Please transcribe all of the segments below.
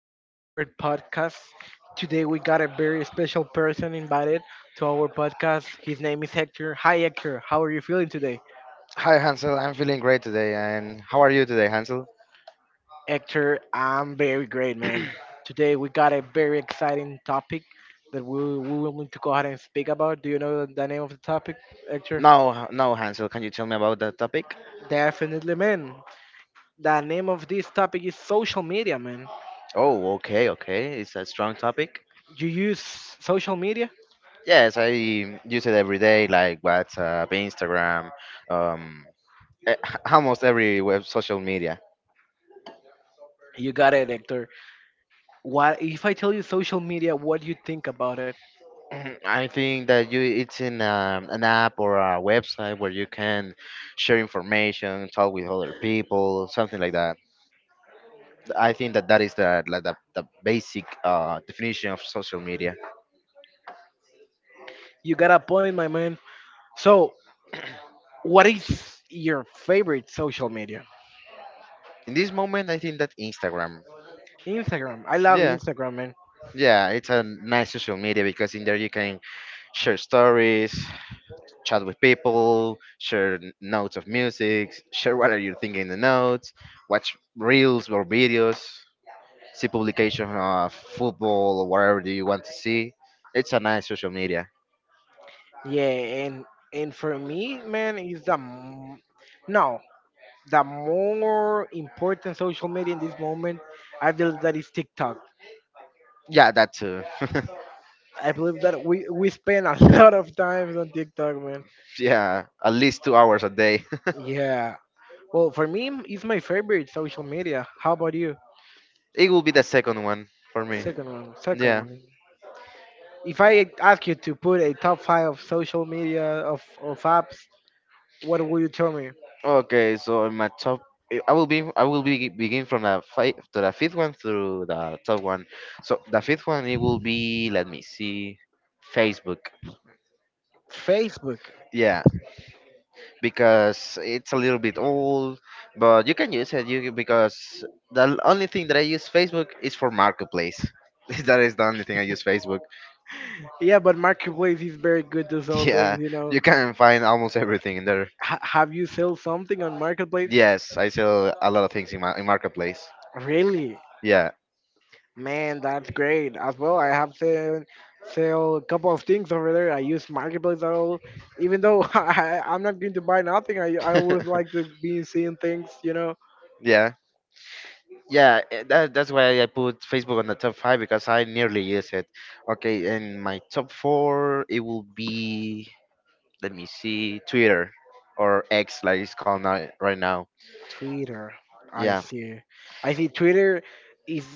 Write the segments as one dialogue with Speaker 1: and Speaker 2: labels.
Speaker 1: again to our podcast. Today we got a very special person invited to our podcast. His name is Hector. Hi, Hector. How are you feeling today?
Speaker 2: Hi Hansel, I'm feeling great today. And how are you today, Hansel?
Speaker 1: Hector, I'm very great, man. Today we got a very exciting topic that we will need to go ahead and speak about. Do you know the name of the topic, Hector?
Speaker 2: Now Hansel, can you tell me about that topic?
Speaker 1: Definitely, man. The name of this topic is social media, man.
Speaker 2: Oh, okay, okay. It's a strong topic.
Speaker 1: You use social media?
Speaker 2: Yes, I use it every day, like WhatsApp, Instagram, um, e- almost every web social media.
Speaker 1: You got it, Hector. What if I tell you social media? What do you think about it?
Speaker 2: Mhm, I think that you it's in an app or a website where you can share information, talk with other people, something like that. I think that that is the like the basic definition of social media.
Speaker 1: You got a point, my man. So, what is your favorite social media?
Speaker 2: In this moment, I think that Instagram.
Speaker 1: Instagram. I love
Speaker 2: Yeah,
Speaker 1: Instagram, man.
Speaker 2: yeah, it's a nice social media because in there you can share stories, chat with people, share notes of music, share what are you thinking in the notes, watch reels or videos, see publication of football or whatever do you want to see. It's a nice social media.
Speaker 1: Yeah, and for me, man, is the no, the more important social media in this moment. I believe that is TikTok.
Speaker 2: Yeah, that too.
Speaker 1: I believe that we spend a lot of time on TikTok, man.
Speaker 2: Yeah, at least 2 hours a day.
Speaker 1: Yeah. Well, for me, it's my favorite social media. How about you?
Speaker 2: It will be the second one for me.
Speaker 1: Second one. Second
Speaker 2: Yeah.
Speaker 1: one. If I ask you to put a top five of social media of apps, what will you tell me?
Speaker 2: Okay, so in my top, I will be begin from the five to the fifth one through the top one. So the fifth one it will be, let me see, Facebook.
Speaker 1: Facebook.
Speaker 2: Yeah, because it's a little bit old, but you can use it. You can- because the only thing that I use Facebook is for marketplace. That is the only thing I use Facebook.
Speaker 1: Yeah, but Marketplace is very good to sell
Speaker 2: Yeah,
Speaker 1: things.
Speaker 2: you can find almost everything in there.
Speaker 1: Have you sold something on Marketplace?
Speaker 2: Yes, I sell a lot of things in my in marketplace.
Speaker 1: Really?
Speaker 2: Yeah,
Speaker 1: Man, that's great. As well, I have to sell a couple of things over there. I use Marketplace at all. Even though I'm not going to buy nothing, I always like to be seeing things.
Speaker 2: yeah. Yeah, that's why I put Facebook on the top five because I nearly use it. Okay, and my top four it will be, let me see, Twitter or X like it's called now, right now.
Speaker 1: Twitter. I
Speaker 2: Yeah,
Speaker 1: see. I see. Twitter is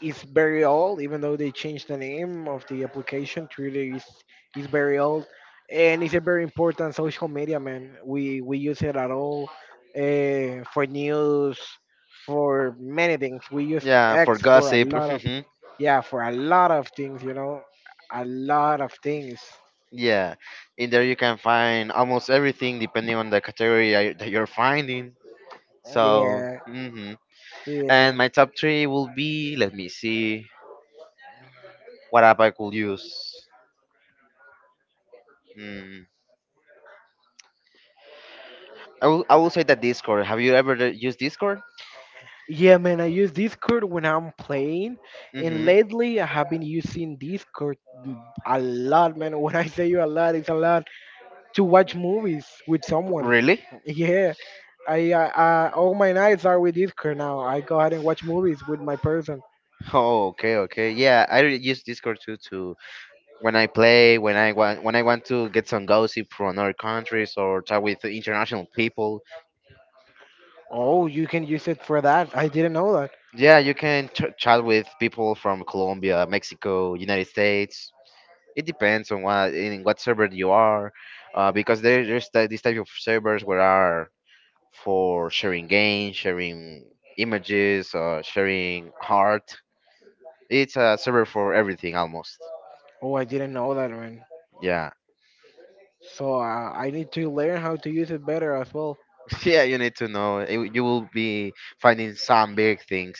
Speaker 1: is very old, even though they changed the name of the application. Twitter is very old, and it's a very important social media. Man, we use it at all, for news, for many things. We use
Speaker 2: yeah,
Speaker 1: X
Speaker 2: for
Speaker 1: for a
Speaker 2: gossip.
Speaker 1: lot of,
Speaker 2: Mhm,
Speaker 1: yeah, for a lot of things. A lot of things.
Speaker 2: yeah, in there you can find almost everything depending on the category that you're finding. So,
Speaker 1: Yeah, yeah.
Speaker 2: and my top three will be, let me see, what app I could use. Mm. I will say that Discord. Have you ever used Discord?
Speaker 1: Yeah, man, I use Discord when I'm playing, and
Speaker 2: Mm-hmm.
Speaker 1: lately I have been using Discord a lot, man. When I say you a lot, it's a lot to watch movies with someone.
Speaker 2: Really?
Speaker 1: Yeah, I all my nights are with Discord now. I go ahead and watch movies with my person.
Speaker 2: Oh, okay, okay. Yeah, use Discord too to when I play, when I want to get some gossip from other countries or chat with international people.
Speaker 1: Oh, you can use it for that. I didn't know that.
Speaker 2: Yeah, you can chat with people from Colombia, Mexico, United States. It depends on what server you are, because there's this type of servers where are for sharing games, sharing images, sharing art. It's a server for everything almost.
Speaker 1: Oh, I didn't know that, man.
Speaker 2: Yeah.
Speaker 1: So I need to learn how to use it better as well.
Speaker 2: Yeah, you need to know. You will be finding some big things.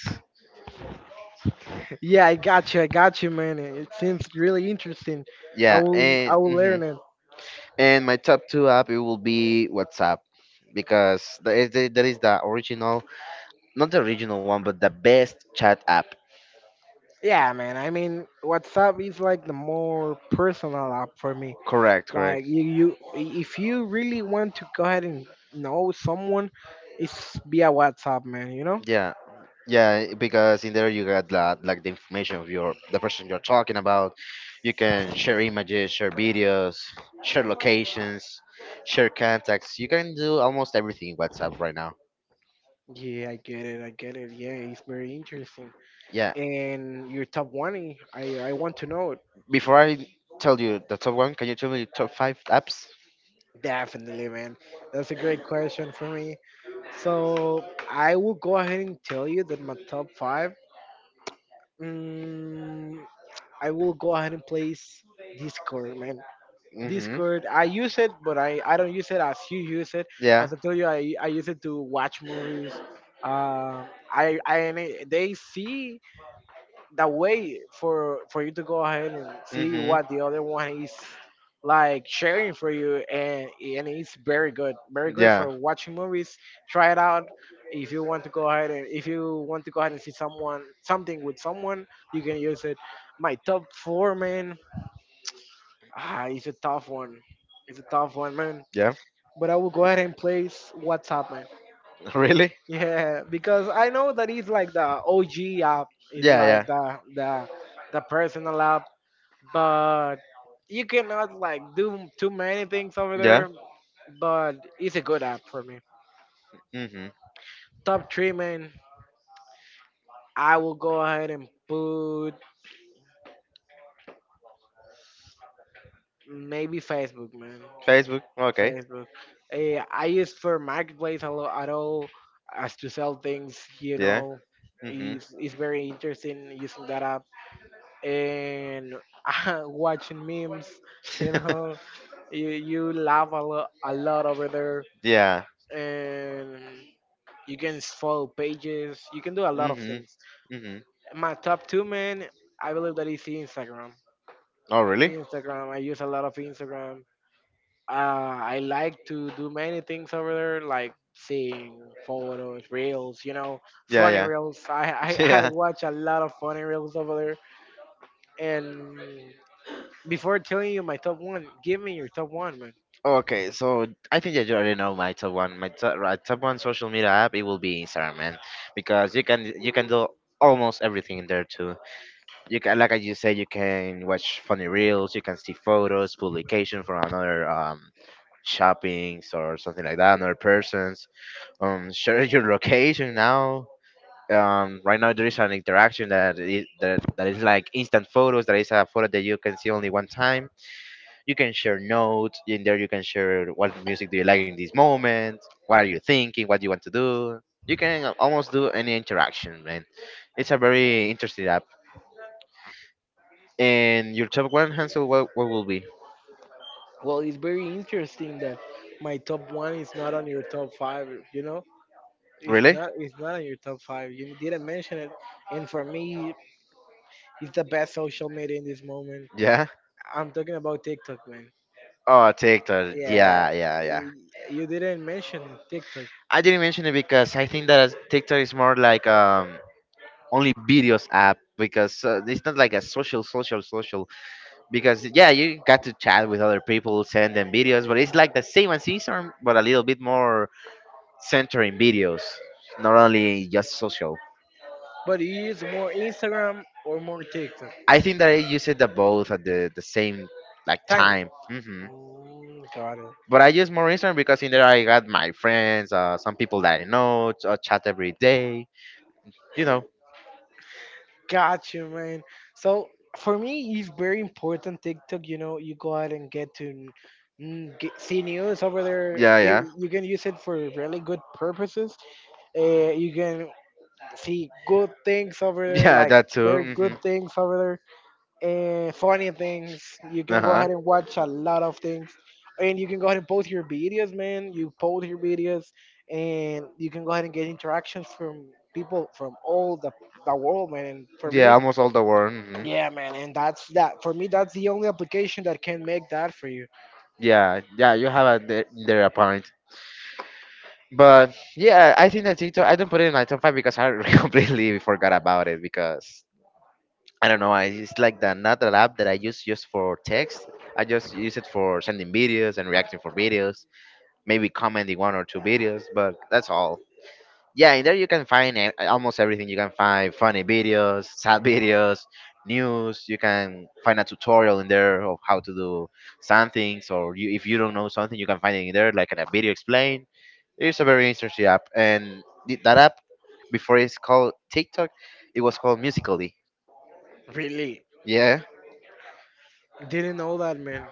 Speaker 1: Yeah, I got you. I got you, man. It seems really interesting.
Speaker 2: Yeah, and
Speaker 1: I will learn it.
Speaker 2: and my top two app it will be WhatsApp because that is the original, not the original one, but the best chat app.
Speaker 1: Yeah, man. I mean, WhatsApp is like the more personal app for me.
Speaker 2: Correct, correct.
Speaker 1: Like if you really want to go ahead and know someone, it's via WhatsApp, man. You know?
Speaker 2: Yeah, yeah, because in there you got that, like the information of your the person you're talking about. You can share images, share videos, share locations, share contacts. You can do almost everything in WhatsApp right now.
Speaker 1: Yeah, I get it. I get it. Yeah, it's very interesting.
Speaker 2: Yeah.
Speaker 1: And your top one, I want to know it.
Speaker 2: Before I tell you the top one, can you tell me the top five apps?
Speaker 1: Definitely, man. That's a great question for me. So I will go ahead and tell you that my top five. Um, I will go ahead and place Discord, man.
Speaker 2: Mm-hmm.
Speaker 1: Discord. I use it, but I don't use it as you use it.
Speaker 2: Yeah.
Speaker 1: As I told you, I use it to watch movies. Uh, they see the way for you to go ahead and see
Speaker 2: Mm-hmm.
Speaker 1: what the other one is like sharing for you, and it's very good, very good
Speaker 2: Yeah.
Speaker 1: for watching movies. Try it out if you want to go ahead and if you want to go ahead and see someone something with someone, you can use it. My top four, man. Ah, it's a tough one. It's a tough one, man.
Speaker 2: Yeah.
Speaker 1: But I will go ahead and place WhatsApp, man.
Speaker 2: Really?
Speaker 1: Yeah, because I know that it's like the OG app. It's
Speaker 2: Yeah.
Speaker 1: like
Speaker 2: Yeah.
Speaker 1: the personal app, but you cannot like do too many things over
Speaker 2: Yeah.
Speaker 1: there. But it's a good app for me.
Speaker 2: Mm-hmm.
Speaker 1: Top three, man. I will go ahead and put maybe Facebook, man.
Speaker 2: Facebook. Okay.
Speaker 1: Facebook. Eh, I use for Marketplace a lot at all, as to sell things.
Speaker 2: Yeah. Mm-hmm.
Speaker 1: It's very interesting using that app and watching memes. You know, you laugh a lot over there,
Speaker 2: Yeah.
Speaker 1: and you can follow pages. You can do a lot of
Speaker 2: Mm-hmm.
Speaker 1: things.
Speaker 2: Mm-hmm.
Speaker 1: My top two, man, I believe that is Instagram.
Speaker 2: Oh, really?
Speaker 1: Instagram, I use a lot of Instagram. I like to do many things over there, like seeing photos, reels,
Speaker 2: Yeah.
Speaker 1: funny reels.
Speaker 2: Yeah.
Speaker 1: I
Speaker 2: Yeah.
Speaker 1: watch a lot of funny reels over there. And before telling you my top one, give me your top one, man.
Speaker 2: Okay. So I think that you already know my top one. My top, right, top one social media app. It will be Instagram, man, because you can do almost everything in there too. You can, like I just said, you can watch funny reels, you can see photos, publication from another shoppings or something like that, another persons, share your location now, right now there is an interaction that is like instant photos, that is a photo that you can see only one time. You can share notes in there, you can share what music do you like in this moment, what are you thinking, what do you want to do. You can almost do any interaction, man. It's a very interesting. And your top one, Hansel, what will be?
Speaker 1: Well, it's very interesting that my top one is not on your top five, you know?
Speaker 2: Really?
Speaker 1: It's not on your top five. You didn't mention it. And for me, it's the best social media in this moment.
Speaker 2: Yeah.
Speaker 1: I'm talking about TikTok, man.
Speaker 2: Oh, TikTok.
Speaker 1: Yeah,
Speaker 2: Yeah, yeah, yeah.
Speaker 1: y- you didn't mention TikTok,
Speaker 2: I didn't mention it because I think that TikTok is more like only videos app because it's not like a social. Because yeah, you got to chat with other people, send them videos, but it's like the same as Instagram, but a little bit more centering videos, not only just social.
Speaker 1: but you use more Instagram or more TikTok?
Speaker 2: I think that I use it the both at the same like
Speaker 1: Time.
Speaker 2: time.
Speaker 1: Got it.
Speaker 2: But I use more Instagram because in there I got my friends, some people that I know, chat every day. You know.
Speaker 1: Got you, man. So for me, it's very important TikTok. You go out and get to, get, see news over there.
Speaker 2: Yeah, yeah,
Speaker 1: You can use it for really good purposes. You can see good things over there,
Speaker 2: yeah.
Speaker 1: like
Speaker 2: That too.
Speaker 1: very good things over there, and funny things. You
Speaker 2: Uh
Speaker 1: can go
Speaker 2: huh.
Speaker 1: ahead and watch a lot of things. And you can go ahead and post your videos, man. You post your videos and you can go ahead and get interactions from people from all the world, man. And for
Speaker 2: Yeah,
Speaker 1: me,
Speaker 2: almost all the world.
Speaker 1: yeah, man. And that's that. For me, that's the only application that can make that for you.
Speaker 2: Yeah, yeah. You have a there a point. But yeah, I think that TikTok. I don't put it in my top five because I completely forgot about it because I don't know. I it's like the another app that I use just for text. I just use it for sending videos and reacting for videos, maybe commenting one or two videos, but that's all. Yeah, in there you can find almost everything. You can find funny videos, sad videos, news. You can find a tutorial in there of how to do some things, or you, if you don't know something you can find it in there like in a video explained. It's a very interesting app. And that app, before it's called TikTok, it was called Musically.
Speaker 1: Really?
Speaker 2: Yeah.
Speaker 1: Didn't know that, man.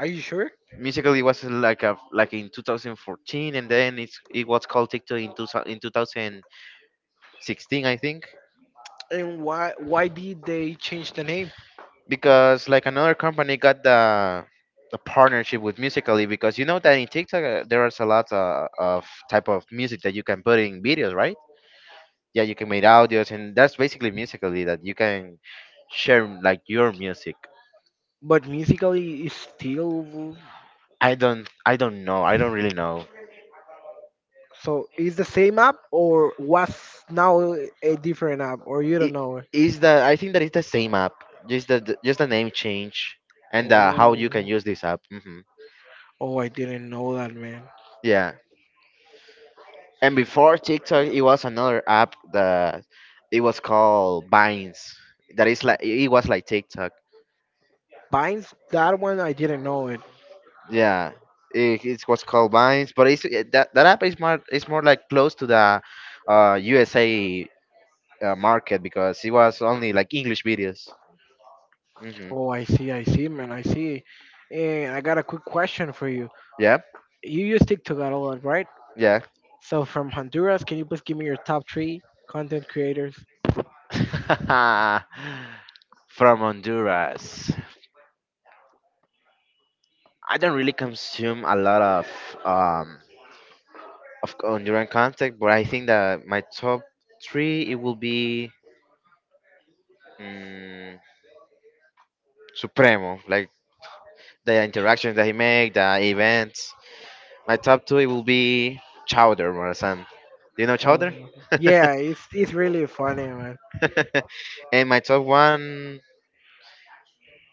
Speaker 1: Are you sure?
Speaker 2: Musically was like a like in 2014, and then it was called TikTok in, two, in 2016, I think.
Speaker 1: And why did they change the name?
Speaker 2: Because like another company got the partnership with Musically, because you know that in TikTok there is a lot of type of music that you can put in videos, right? Yeah, you can make audios, and that's basically Musically, that you can share like your music.
Speaker 1: But Musically is still.
Speaker 2: I don't really know.
Speaker 1: So is the same app, or was now a different app, or you don't
Speaker 2: It
Speaker 1: know it?
Speaker 2: is the, I think that it's the same app, just the name change, and how you can
Speaker 1: Oh,
Speaker 2: use this app.
Speaker 1: oh, I didn't know that, man.
Speaker 2: Yeah. And before TikTok, it was another app that it was called Vines. That is like it was like TikTok.
Speaker 1: Binds, that one, I didn't know it.
Speaker 2: Yeah, it was called Vines, but that that app is more, it's more like close to the USA market because it was only like English videos. hmm
Speaker 1: Oh, I see, man, I see. And I got a quick question for you.
Speaker 2: Yeah,
Speaker 1: You use TikTok a lot, right?
Speaker 2: yeah.
Speaker 1: So from Honduras, can you please give me your top three content creators?
Speaker 2: From Honduras, I don't really consume a lot um, of Honduran contact, but I think that my top three it will be, mm, Supremo, like the interactions that he make, the events. My top two it will be Chowder Morazan. Do you know Chowder?
Speaker 1: Chao. Yeah, it's really funny, man.
Speaker 2: And my top one,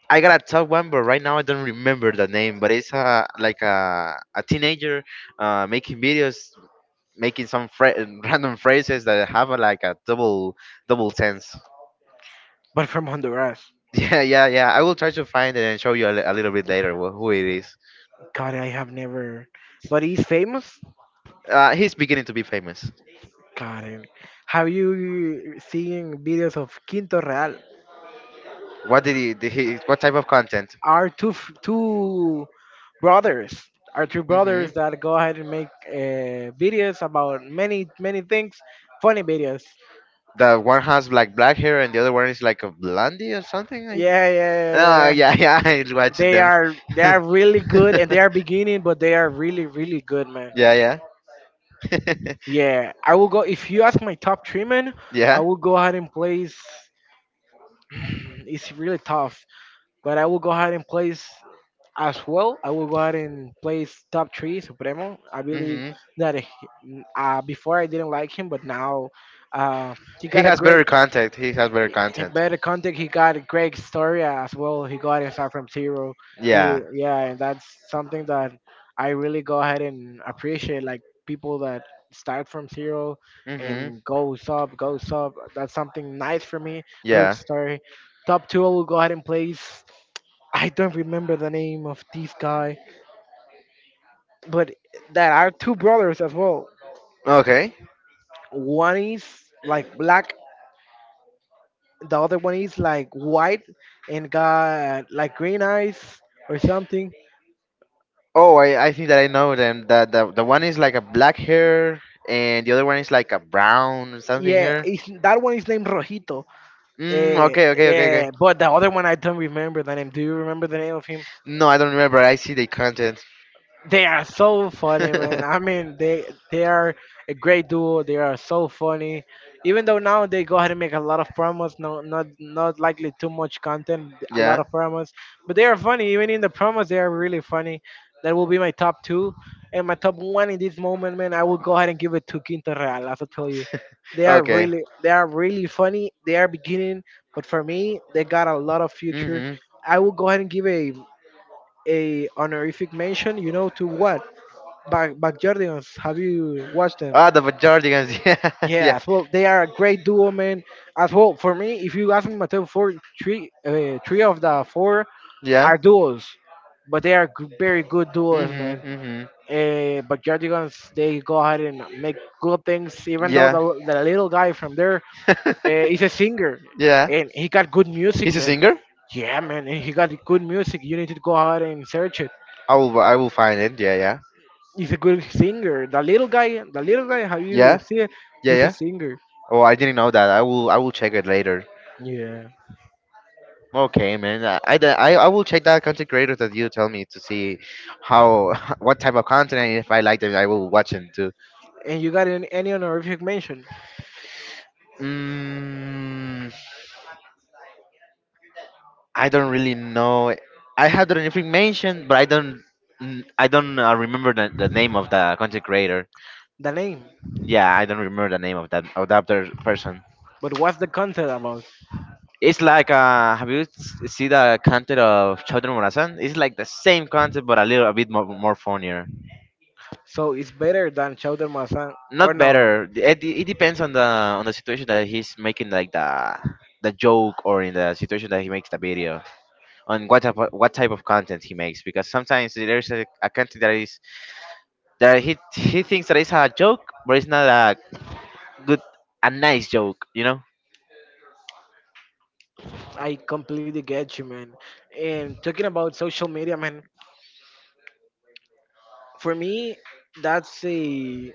Speaker 2: I got a top one, but right now I don't remember the name. But it's a like a teenager making videos, making some random phrases that have a, like a double sense.
Speaker 1: But from Honduras,
Speaker 2: Yeah, yeah, yeah. I will try to find it and show you a, a little bit later who it is.
Speaker 1: God, I have never. But he's famous.
Speaker 2: He's beginning to be famous.
Speaker 1: Got it. Have you seen videos of Quinto Real?
Speaker 2: What did he? Did he what type of content?
Speaker 1: Are two two brothers? Are two
Speaker 2: Mm-hmm.
Speaker 1: brothers that go ahead and make videos about many many things, funny videos.
Speaker 2: The one has like black hair and the other one is like a blondie or something. I,
Speaker 1: Yeah, yeah, yeah. Yeah.
Speaker 2: yeah,
Speaker 1: Yeah.
Speaker 2: yeah. I watched
Speaker 1: They
Speaker 2: them.
Speaker 1: are
Speaker 2: Yeah,
Speaker 1: really good and they are beginning, but they are really good, man.
Speaker 2: yeah,
Speaker 1: Yeah, I will go. If you ask my top three, man, I
Speaker 2: yeah.
Speaker 1: will go ahead and place. It's really tough, but I will go ahead and place as well, I will go ahead and place top three Supremo. I believe
Speaker 2: Mm-hmm.
Speaker 1: that before I didn't like him, but now, uh, he got
Speaker 2: He has better content. He has better
Speaker 1: in
Speaker 2: content.
Speaker 1: better content. He got a great story as well. He got and start from zero.
Speaker 2: Yeah.
Speaker 1: He, yeah, and that's something that I really go ahead and appreciate. Like people that start from zero
Speaker 2: Mm-hmm.
Speaker 1: and goes up, goes up. That's something nice for me. Good
Speaker 2: Yeah.
Speaker 1: story. Top two, I will go ahead and place. I don't remember the name of this guy, but that are two brothers as well.
Speaker 2: Okay.
Speaker 1: One is like black, the other one is like white and got like green eyes or something.
Speaker 2: Oh, I think that I know them. That The one is like a black hair and the other one is like a brown or something
Speaker 1: Yeah,
Speaker 2: hair.
Speaker 1: that one is named Rojito.
Speaker 2: Mm, okay, okay, okay, okay.
Speaker 1: Yeah, but the other one, I don't remember the name. Do you remember the name of him?
Speaker 2: No, I don't remember. I see the content.
Speaker 1: They are so funny, man. I mean, they are a great duo. They are so funny. Even though now they go ahead and make a lot of promos, no, not likely too much content, a lot
Speaker 2: Yeah.
Speaker 1: of promos, but they are funny. Even in the promos, they are really funny. That will be my top two, and my top one in this moment, man. I will go ahead and give it to Quinto Real. As I tell you,
Speaker 2: Okay.
Speaker 1: they are really funny. They are beginning, but for me, they got a lot of future.
Speaker 2: Mhm.
Speaker 1: I will go ahead and give a honorific mention. You know to what? Backyardigans. Have you watched them?
Speaker 2: Ah, the Bajordigans. Yeah, yeah,
Speaker 1: Yes, well, they are a great duo, man. As well, for me, if you ask me, my top four, three, three of the four
Speaker 2: yeah.
Speaker 1: are duos, but they are very good duos,
Speaker 2: Mhm,
Speaker 1: man.
Speaker 2: mhm.
Speaker 1: But Jardigans, they go ahead and make good things, even though
Speaker 2: Yeah,
Speaker 1: the little guy from there is a singer
Speaker 2: yeah.
Speaker 1: and he got good music,
Speaker 2: He's a
Speaker 1: man.
Speaker 2: singer.
Speaker 1: Yeah, man, and he got good music. You need to go ahead and search it.
Speaker 2: I will. I will find it. Yeah, yeah,
Speaker 1: He's a good singer. The little guy, have you
Speaker 2: yeah,
Speaker 1: seen it?
Speaker 2: yeah,
Speaker 1: He's a
Speaker 2: yeah.
Speaker 1: singer.
Speaker 2: Oh, I didn't know that. I will. I will check it later.
Speaker 1: Yeah.
Speaker 2: Okay, man. I, de- I will check that content creator that you tell me to see how what type of content, and if I like them, I will watch them too.
Speaker 1: And you got any honorific mention,
Speaker 2: Mm, I don't really know. I had the information, but I don't, I don't remember the name of the content creator.
Speaker 1: the name.
Speaker 2: Yeah, I don't remember the name of that other person.
Speaker 1: But what's the content about?
Speaker 2: It's like have you see the content of Chodron Morazan? It's like the same content, but a little a bit more more funnier.
Speaker 1: So it's better than Chowder Masan. Or
Speaker 2: Not
Speaker 1: no,
Speaker 2: better. It depends on the situation that he's making, like the joke, or in the situation that he makes the video, on what type of content he makes. Because sometimes there's a content that is that he thinks that it's a joke, but it's not good a nice joke. You know?
Speaker 1: I completely get you, man. And talking about social media, man, for me, that's a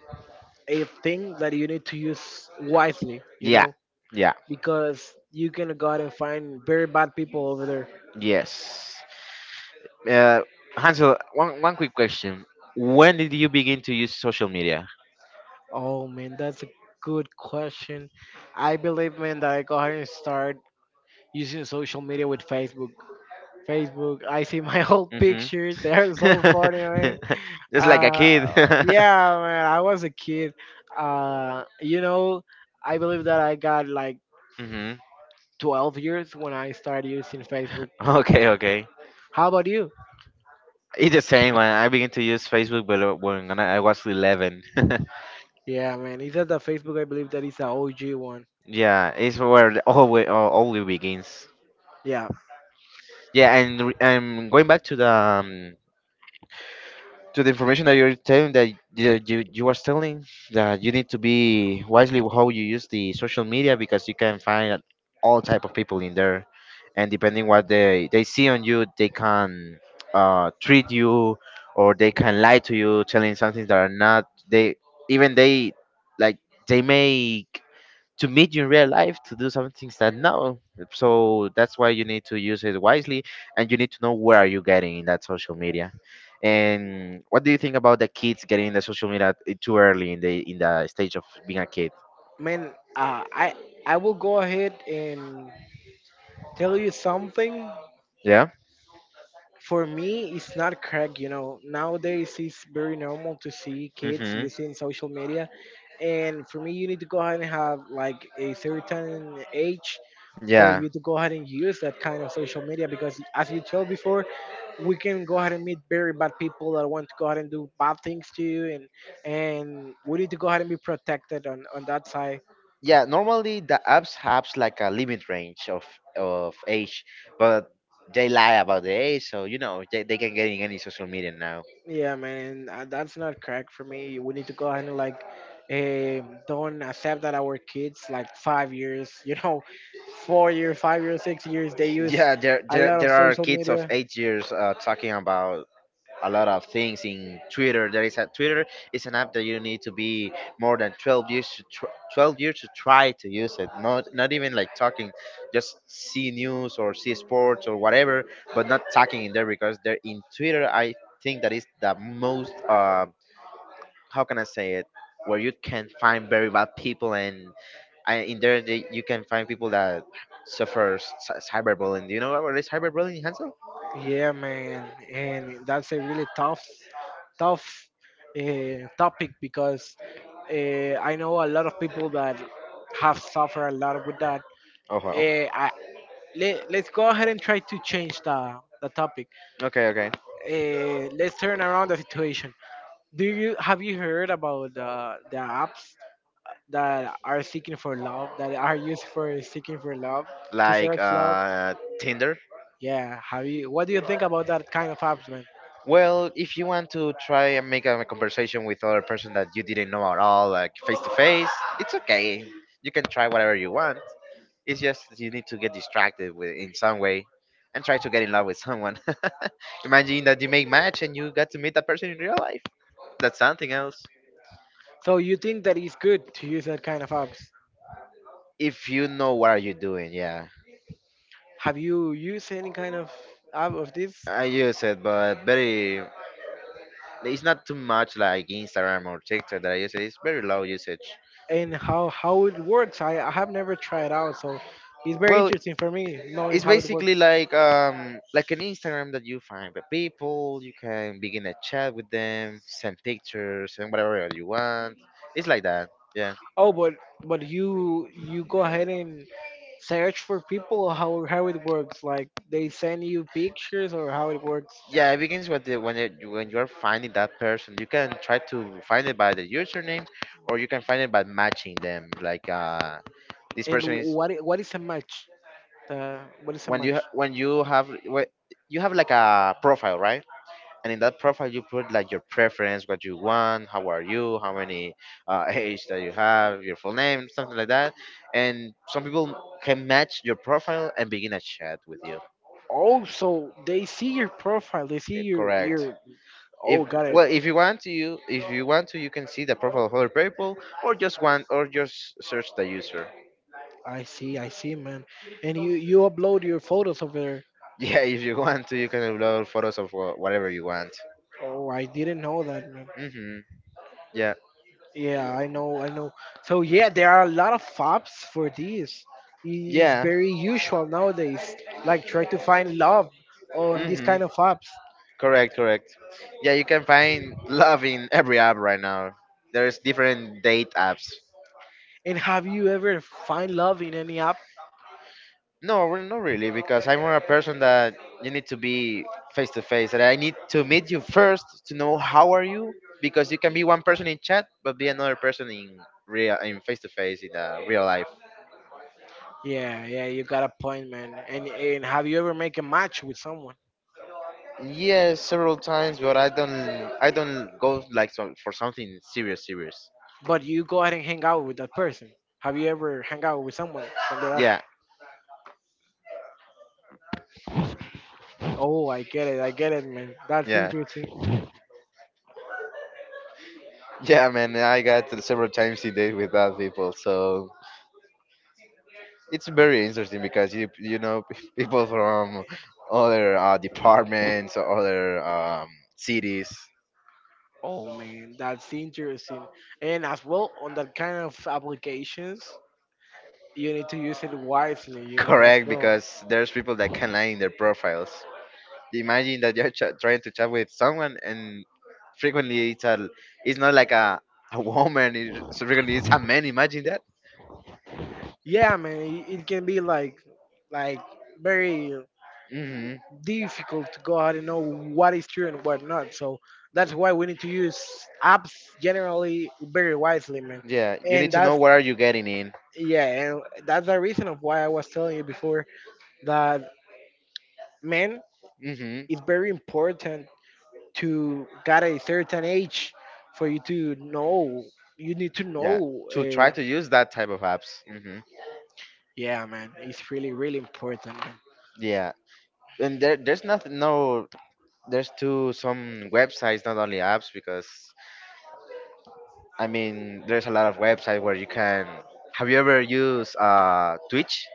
Speaker 1: a thing that you need to use wisely, you
Speaker 2: Yeah,
Speaker 1: know,
Speaker 2: yeah,
Speaker 1: because you can go out and find very bad people over there.
Speaker 2: yes. Uh, Hansel, one quick question. When did you begin to use social media?
Speaker 1: Oh man, that's a good question. I believe, man, that I go ahead and start using social media with Facebook. Facebook, I see my old
Speaker 2: Mm-hmm.
Speaker 1: pictures. They're so funny, man.
Speaker 2: Just like a
Speaker 1: Uh,
Speaker 2: kid.
Speaker 1: yeah, man, I was a kid. You know, I believe that I got like
Speaker 2: Mm-hmm.
Speaker 1: 12 years when I started using Facebook.
Speaker 2: Okay, okay.
Speaker 1: How about you?
Speaker 2: It's the same one. I began to use Facebook, but when I was 11.
Speaker 1: Yeah, man, it's that the Facebook? I believe that is an OG one.
Speaker 2: Yeah, it's where way all it begins.
Speaker 1: Yeah,
Speaker 2: Yeah, and going back to the information that you're telling, that you are telling that you need to be wisely with how you use the social media, because you can find all type of people in there, and depending what they see on you they can treat you, or they can lie to you telling something that are not, they even they, like, they make to meet you in real life to do some things that no. So that's why you need to use it wisely, and you need to know where are you getting in that social media. And what do you think about the kids getting in the social media too early in the stage of being a kid?
Speaker 1: man, I will go ahead and tell you something.
Speaker 2: Yeah.
Speaker 1: For me it's not correct, you know, nowadays it's very normal to see kids
Speaker 2: Hmm.
Speaker 1: using social media. And for me, you need to go ahead and have like a certain age for
Speaker 2: Yeah,
Speaker 1: you to go ahead and use that kind of social media, because as you told before, we can go ahead and meet very bad people that want to go ahead and do bad things to you, and we need to go ahead and be protected on that side.
Speaker 2: yeah, normally the apps have like a limit range of age, but they lie about the age. So they can get in any social media now.
Speaker 1: Yeah, man, that's not correct for me. We need to go ahead and like, don't accept that our kids like 5 years, you know, 4 years, 5 years, 6 years, they use
Speaker 2: Yeah, there
Speaker 1: a
Speaker 2: there,
Speaker 1: lot of
Speaker 2: there are
Speaker 1: social
Speaker 2: kids of
Speaker 1: media.
Speaker 2: 8 years talking about a lot of things in Twitter. There is a Twitter, is an app that you need to be more than 12 years to try to use it. Not even like talking, just see news or see sports or whatever, but not talking in there, because there in Twitter I think that is the most how can I say it, where you can find very bad people. And in there they, you can find people that suffer cyberbullying. Do you know what is cyberbullying, Hansel?
Speaker 1: Yeah, man, and that's a really tough topic because I know a lot of people that have suffered a lot with that.
Speaker 2: Oh, well.
Speaker 1: Uh, I, let's go ahead and try to change the topic.
Speaker 2: Okay, okay.
Speaker 1: Let's turn around the situation. Do you have you heard about the apps that are seeking for love, that are used for seeking for love, to
Speaker 2: Like
Speaker 1: search love?
Speaker 2: Tinder?
Speaker 1: Yeah, have you? What do you think about that kind of apps, man?
Speaker 2: Well, if you want to try and make a conversation with other person that you didn't know at all, like face to face, it's okay. You can try whatever you want. It's just that you need to get distracted with, in some way, and try to get in love with someone. Imagine that you make match and you got to meet that person in real life. That's something else.
Speaker 1: So you think that it's good to use that kind of apps?
Speaker 2: If you know what are you doing, yeah.
Speaker 1: Have you used any kind of app of this?
Speaker 2: I use it, but very. It's not too much like Instagram or TikTok that I use it. It's very low usage.
Speaker 1: And how it works? I have never tried out, so it's very
Speaker 2: Well,
Speaker 1: interesting for me knowing
Speaker 2: it's
Speaker 1: how it
Speaker 2: basically
Speaker 1: works.
Speaker 2: like an Instagram, that you find the people, you can begin a chat with them, send pictures and whatever else you want. It's like that. Yeah.
Speaker 1: Oh, but you go ahead and search for people, or how it works? Like they send you pictures, or how it works?
Speaker 2: Yeah, it begins with when you're finding that person, you can try to find it by the username, or you can find it by matching them. Like this
Speaker 1: And
Speaker 2: person is,
Speaker 1: what is a match? What is a
Speaker 2: when
Speaker 1: match?
Speaker 2: you have like a profile, right? And in that profile you put like your preference, what you want, how are you, how many age that you have, your full name, something like that. And some people can match your profile and begin a chat with you.
Speaker 1: Oh, so they see your profile. They see
Speaker 2: Yeah,
Speaker 1: your
Speaker 2: correct.
Speaker 1: your.
Speaker 2: If,
Speaker 1: Oh, got it.
Speaker 2: well, if you want to you if you want to, you can see the profile of other people, or just search the user.
Speaker 1: I see. I see, man. And you upload your photos over there.
Speaker 2: Yeah, if you want to, you can upload photos of whatever you want.
Speaker 1: Oh, I didn't know that, man.
Speaker 2: Hmm. Yeah.
Speaker 1: Yeah, I know, I know. So yeah, there are a lot of apps for this. It's
Speaker 2: Yeah.
Speaker 1: very usual nowadays. Like try to find love on these
Speaker 2: Hmm.
Speaker 1: kind of apps.
Speaker 2: Correct, correct. Yeah, you can find love in every app right now. There's different date apps.
Speaker 1: And have you ever find love in any app?
Speaker 2: No, well, not really, because I'm more a person that you need to be face to face. That I need to meet you first to know how are you, because you can be one person in chat, but be another person in real, in face to face in real life.
Speaker 1: Yeah, yeah, you got a point, man. And have you ever make a match with someone?
Speaker 2: Yes, several times, but I don't go like for something serious, serious.
Speaker 1: But you go ahead and hang out with that person. Have you ever hang out with someone from that app?
Speaker 2: Yeah,
Speaker 1: Oh, I get it, man. That's
Speaker 2: yeah,
Speaker 1: interesting.
Speaker 2: yeah, man. I got to several times in date with other people, so it's very interesting because you know people from other departments or other cities.
Speaker 1: Oh man, that's interesting. And as well, on that kind of applications, you need to use it wisely, you know, as
Speaker 2: Correct,
Speaker 1: well.
Speaker 2: because there's people that can lie in their profiles. Imagine that you're trying to chat with someone, and frequently it's a it's not like a woman. It's so frequently it's a man. Imagine that.
Speaker 1: Yeah, man, it can be like very
Speaker 2: Hmm.
Speaker 1: difficult to go out and know what is true and what not. So that's why we need to use apps generally very wisely, man.
Speaker 2: Yeah, you need
Speaker 1: And
Speaker 2: to know
Speaker 1: that's,
Speaker 2: what are you getting in.
Speaker 1: yeah, and that's the reason of why I was telling you before that, man,
Speaker 2: Hmm.
Speaker 1: it's very important to get a certain age for you to know. You need to know.
Speaker 2: Yeah, to try to use that type of apps. Hmm.
Speaker 1: Yeah, man, it's really, really important, man.
Speaker 2: Yeah, and there's nothing, no, there's too some websites, not only apps, because I mean there's a lot of websites where you can. Have you ever used Twitch?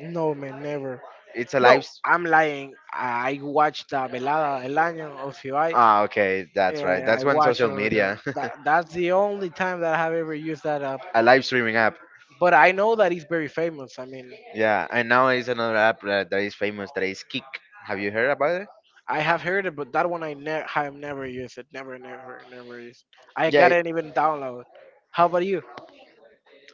Speaker 1: No, man, never.
Speaker 2: It's a live.
Speaker 1: No, I'm lying. I watched the Velada del Año of Ibai.
Speaker 2: Ah, okay, that's right. That's
Speaker 1: I
Speaker 2: one
Speaker 1: watch
Speaker 2: social
Speaker 1: on
Speaker 2: media,
Speaker 1: that. That's the only time that I have ever used that app.
Speaker 2: a live streaming app.
Speaker 1: But I know that it's very famous. I mean,
Speaker 2: Yeah, and now is another app that is famous. That is Kick. Have you heard about it?
Speaker 1: I have heard it, but that one I have never used it. Never, never, never used. I got
Speaker 2: Yeah,
Speaker 1: it even download. How about you?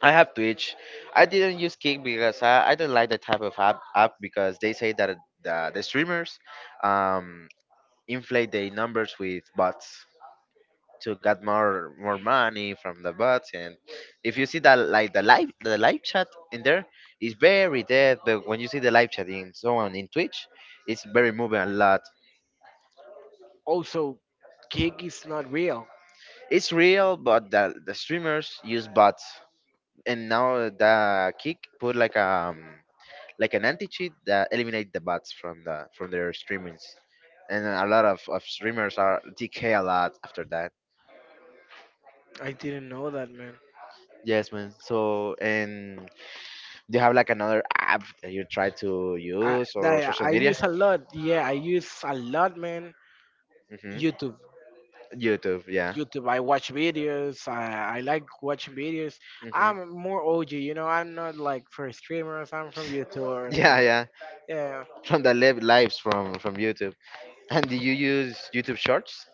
Speaker 2: I have Twitch. I didn't use Kick because I don't like the type of app because they say that the streamers um, inflate their numbers with bots, to get more money from the bots. And if you see that like the live chat in there is very dead, but when you see the live chat in someone in Twitch, it's very moving a lot.
Speaker 1: Also, Gig is not real.
Speaker 2: It's real, but the streamers use bots. And now the Kick put like an anti-cheat that eliminate the bots from their streamings, and a lot of streamers are decay a lot after that.
Speaker 1: I didn't know that, man.
Speaker 2: Yes, man, so. And do you have like another app that you try to use or social
Speaker 1: I
Speaker 2: media?
Speaker 1: use a lot. Yeah, I use a lot, man.
Speaker 2: Hmm.
Speaker 1: YouTube.
Speaker 2: YouTube, yeah.
Speaker 1: YouTube. I watch videos. I like watching videos.
Speaker 2: Hmm.
Speaker 1: I'm more OG, you know. I'm not like for streamers. I'm from YouTubers,
Speaker 2: Yeah,
Speaker 1: man.
Speaker 2: yeah.
Speaker 1: Yeah.
Speaker 2: From the lives from YouTube. And do you use YouTube Shorts?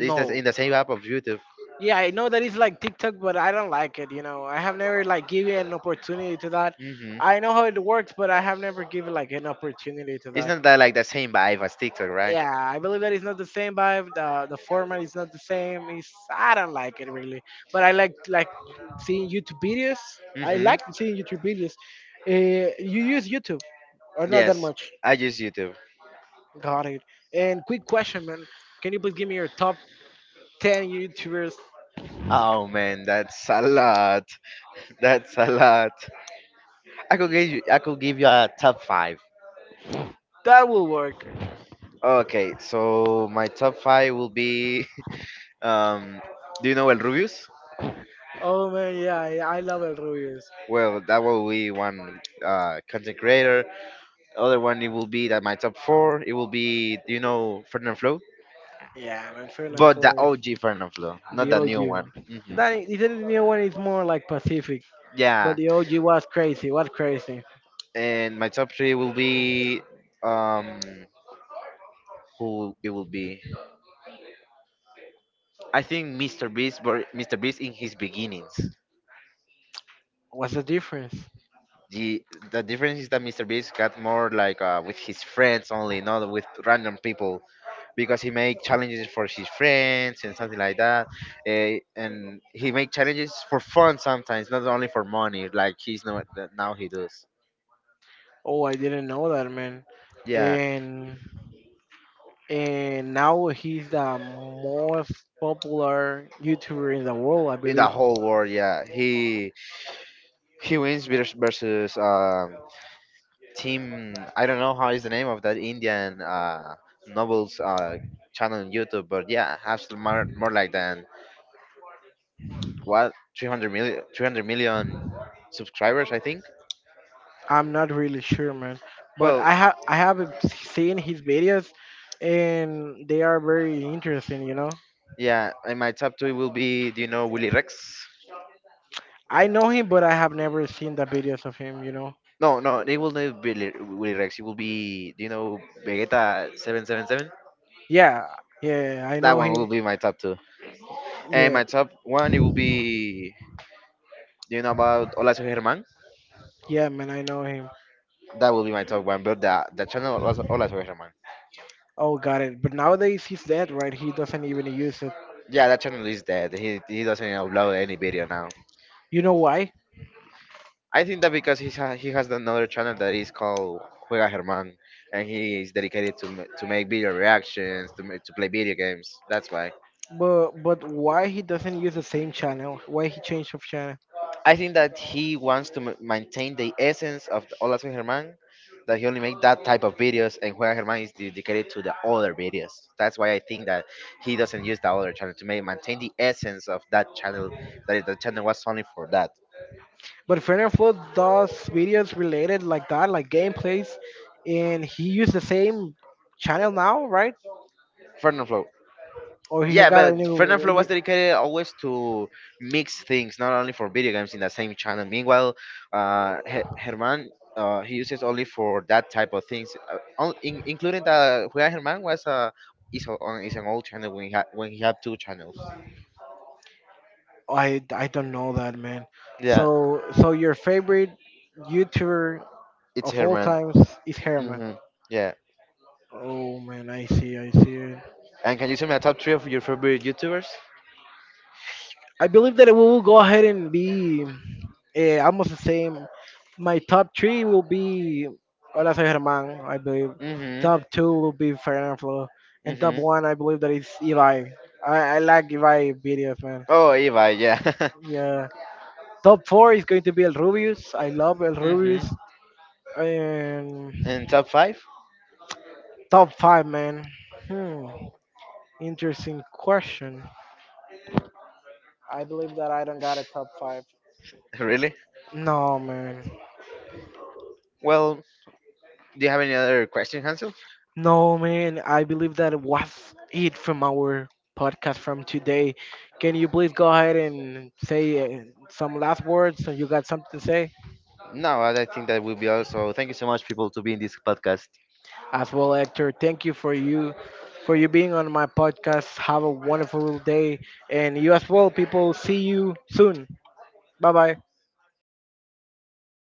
Speaker 2: Is that in the same app of YouTube?
Speaker 1: Yeah, I know that it's like TikTok, but I don't like it. You know, I have never like given an opportunity to that.
Speaker 2: Hmm.
Speaker 1: I know how it works, but I have never given like an opportunity to that.
Speaker 2: Isn't that like the same vibe as TikTok, right?
Speaker 1: Yeah, I believe that it's not the same vibe. The format is not the same. It's, I don't like it really, but I like seeing YouTube videos. I
Speaker 2: Hmm.
Speaker 1: like seeing YouTube videos. You use YouTube or not that
Speaker 2: Yes,
Speaker 1: much?
Speaker 2: I use YouTube.
Speaker 1: Got it. And quick question, man. Can you please give me your top 10 YouTubers?
Speaker 2: Oh man, that's a lot. That's a lot. I could give you a top five.
Speaker 1: That will work.
Speaker 2: Okay, so my top five will be Um, do you know El Rubius?
Speaker 1: Oh man, yeah, yeah I love El Rubius.
Speaker 2: Well, that will be one content creator. Other one, it will be that my top four. It will be, do you know Fernand Flo?
Speaker 1: Yeah, man, fair enough.
Speaker 2: But the
Speaker 1: Sorry.
Speaker 2: OG Fernand Flo, not
Speaker 1: The
Speaker 2: the new
Speaker 1: OG.
Speaker 2: one. Hmm.
Speaker 1: The new one is more like Pacific, but
Speaker 2: Yeah,
Speaker 1: the OG was crazy. Was crazy.
Speaker 2: and my top three will be um who it will be. I think Mr. Beast, but Mr. Beast in his beginnings.
Speaker 1: What's the difference?
Speaker 2: The the difference is that Mr. Beast got more like with his friends only, not with random people, because he make challenges for his friends and something like that. And he make challenges for fun sometimes, not only for money. Like, he's not, now he does.
Speaker 1: Oh, I didn't know that, man.
Speaker 2: Yeah,
Speaker 1: And now he's the most popular YouTuber in the world, I
Speaker 2: in the
Speaker 1: believe.
Speaker 2: whole world, yeah. He wins versus team, I don't know how is the name of that Indian novels channel on YouTube, but yeah, has more like than what, three hundred million, three hundred million subscribers, I think.
Speaker 1: I'm not really sure, man. But
Speaker 2: Well,
Speaker 1: I have seen his videos, and they are very interesting. You know,
Speaker 2: yeah, and my top two will be, do you know Willy Rex?
Speaker 1: I know him, but I have never seen the videos of him. You know,
Speaker 2: No, no, it will not be Willy Rex. It will be, do you know Vegeta 777?
Speaker 1: yeah, yeah, I
Speaker 2: That
Speaker 1: know
Speaker 2: one will
Speaker 1: him.
Speaker 2: be my top two. And
Speaker 1: Yeah,
Speaker 2: my top one, it will be, do you know about Hola Soy Germán?
Speaker 1: yeah, man, I know him.
Speaker 2: That will be my top one, but the channel Hola Soy Hola Soy Germán.
Speaker 1: Oh, got it. But nowadays he's dead, right? He doesn't even use it.
Speaker 2: Yeah, that channel is dead. He doesn't upload any video now.
Speaker 1: You know why?
Speaker 2: I think that because he has another channel that is called Juega Germán, and he is dedicated to to make video reactions, to to play video games. That's why.
Speaker 1: But why he doesn't use the same channel? Why he changed of channel?
Speaker 2: I think that he wants to maintain the essence of the Hola Soy Germán, that he only make that type of videos, and Juega Germán is dedicated to the other videos. That's why I think that he doesn't use the other channel to maintain the essence of that channel, that the channel was only for that.
Speaker 1: But Fern and Flo does videos related like that, like gameplays, and he used the same channel now, right?
Speaker 2: Fernando Flo,
Speaker 1: Or he
Speaker 2: yeah,
Speaker 1: got a
Speaker 2: but
Speaker 1: new. A
Speaker 2: Fernanfloo was
Speaker 1: new-
Speaker 2: dedicated always to mix things, not only for video games in the same channel. Meanwhile, Herman he uses only for that type of things, including the Juega Herman was is, a, on, is an old channel when when he have two channels.
Speaker 1: I don't know that, man.
Speaker 2: Yeah,
Speaker 1: So your favorite YouTuber
Speaker 2: it's
Speaker 1: of all
Speaker 2: Herman.
Speaker 1: times is Herman.
Speaker 2: Mhm. Yeah.
Speaker 1: Oh man, I see it.
Speaker 2: And can you tell me a top three of your favorite YouTubers?
Speaker 1: I believe that we will go ahead and be almost the same. My top 3 will be Hola Soy Germán, I believe.
Speaker 2: Mhm.
Speaker 1: top 2 will be Fernando Flo. And top
Speaker 2: Mhm.
Speaker 1: one, I believe that is Eli. I like Eli videos, man.
Speaker 2: Oh, Eva. Yeah.
Speaker 1: Yeah. top 4 is going to be El Rubius. I love El
Speaker 2: Mhm.
Speaker 1: Rubius. And
Speaker 2: And top five?
Speaker 1: top 5, man. Hmm. Interesting question. I believe that I don't got a top 5.
Speaker 2: Really?
Speaker 1: No, man.
Speaker 2: Well, do you have any other question, Hansel?
Speaker 1: No, man, I believe that was it from our podcast from today. Can you please go ahead and say some last words, so you got something to say
Speaker 2: No, I think that will be also. Thank you so much, people, to be in this podcast.
Speaker 1: as well, Hector? Thank you for you being on my podcast. Have a wonderful day, and you as well, people. See you soon. Bye bye.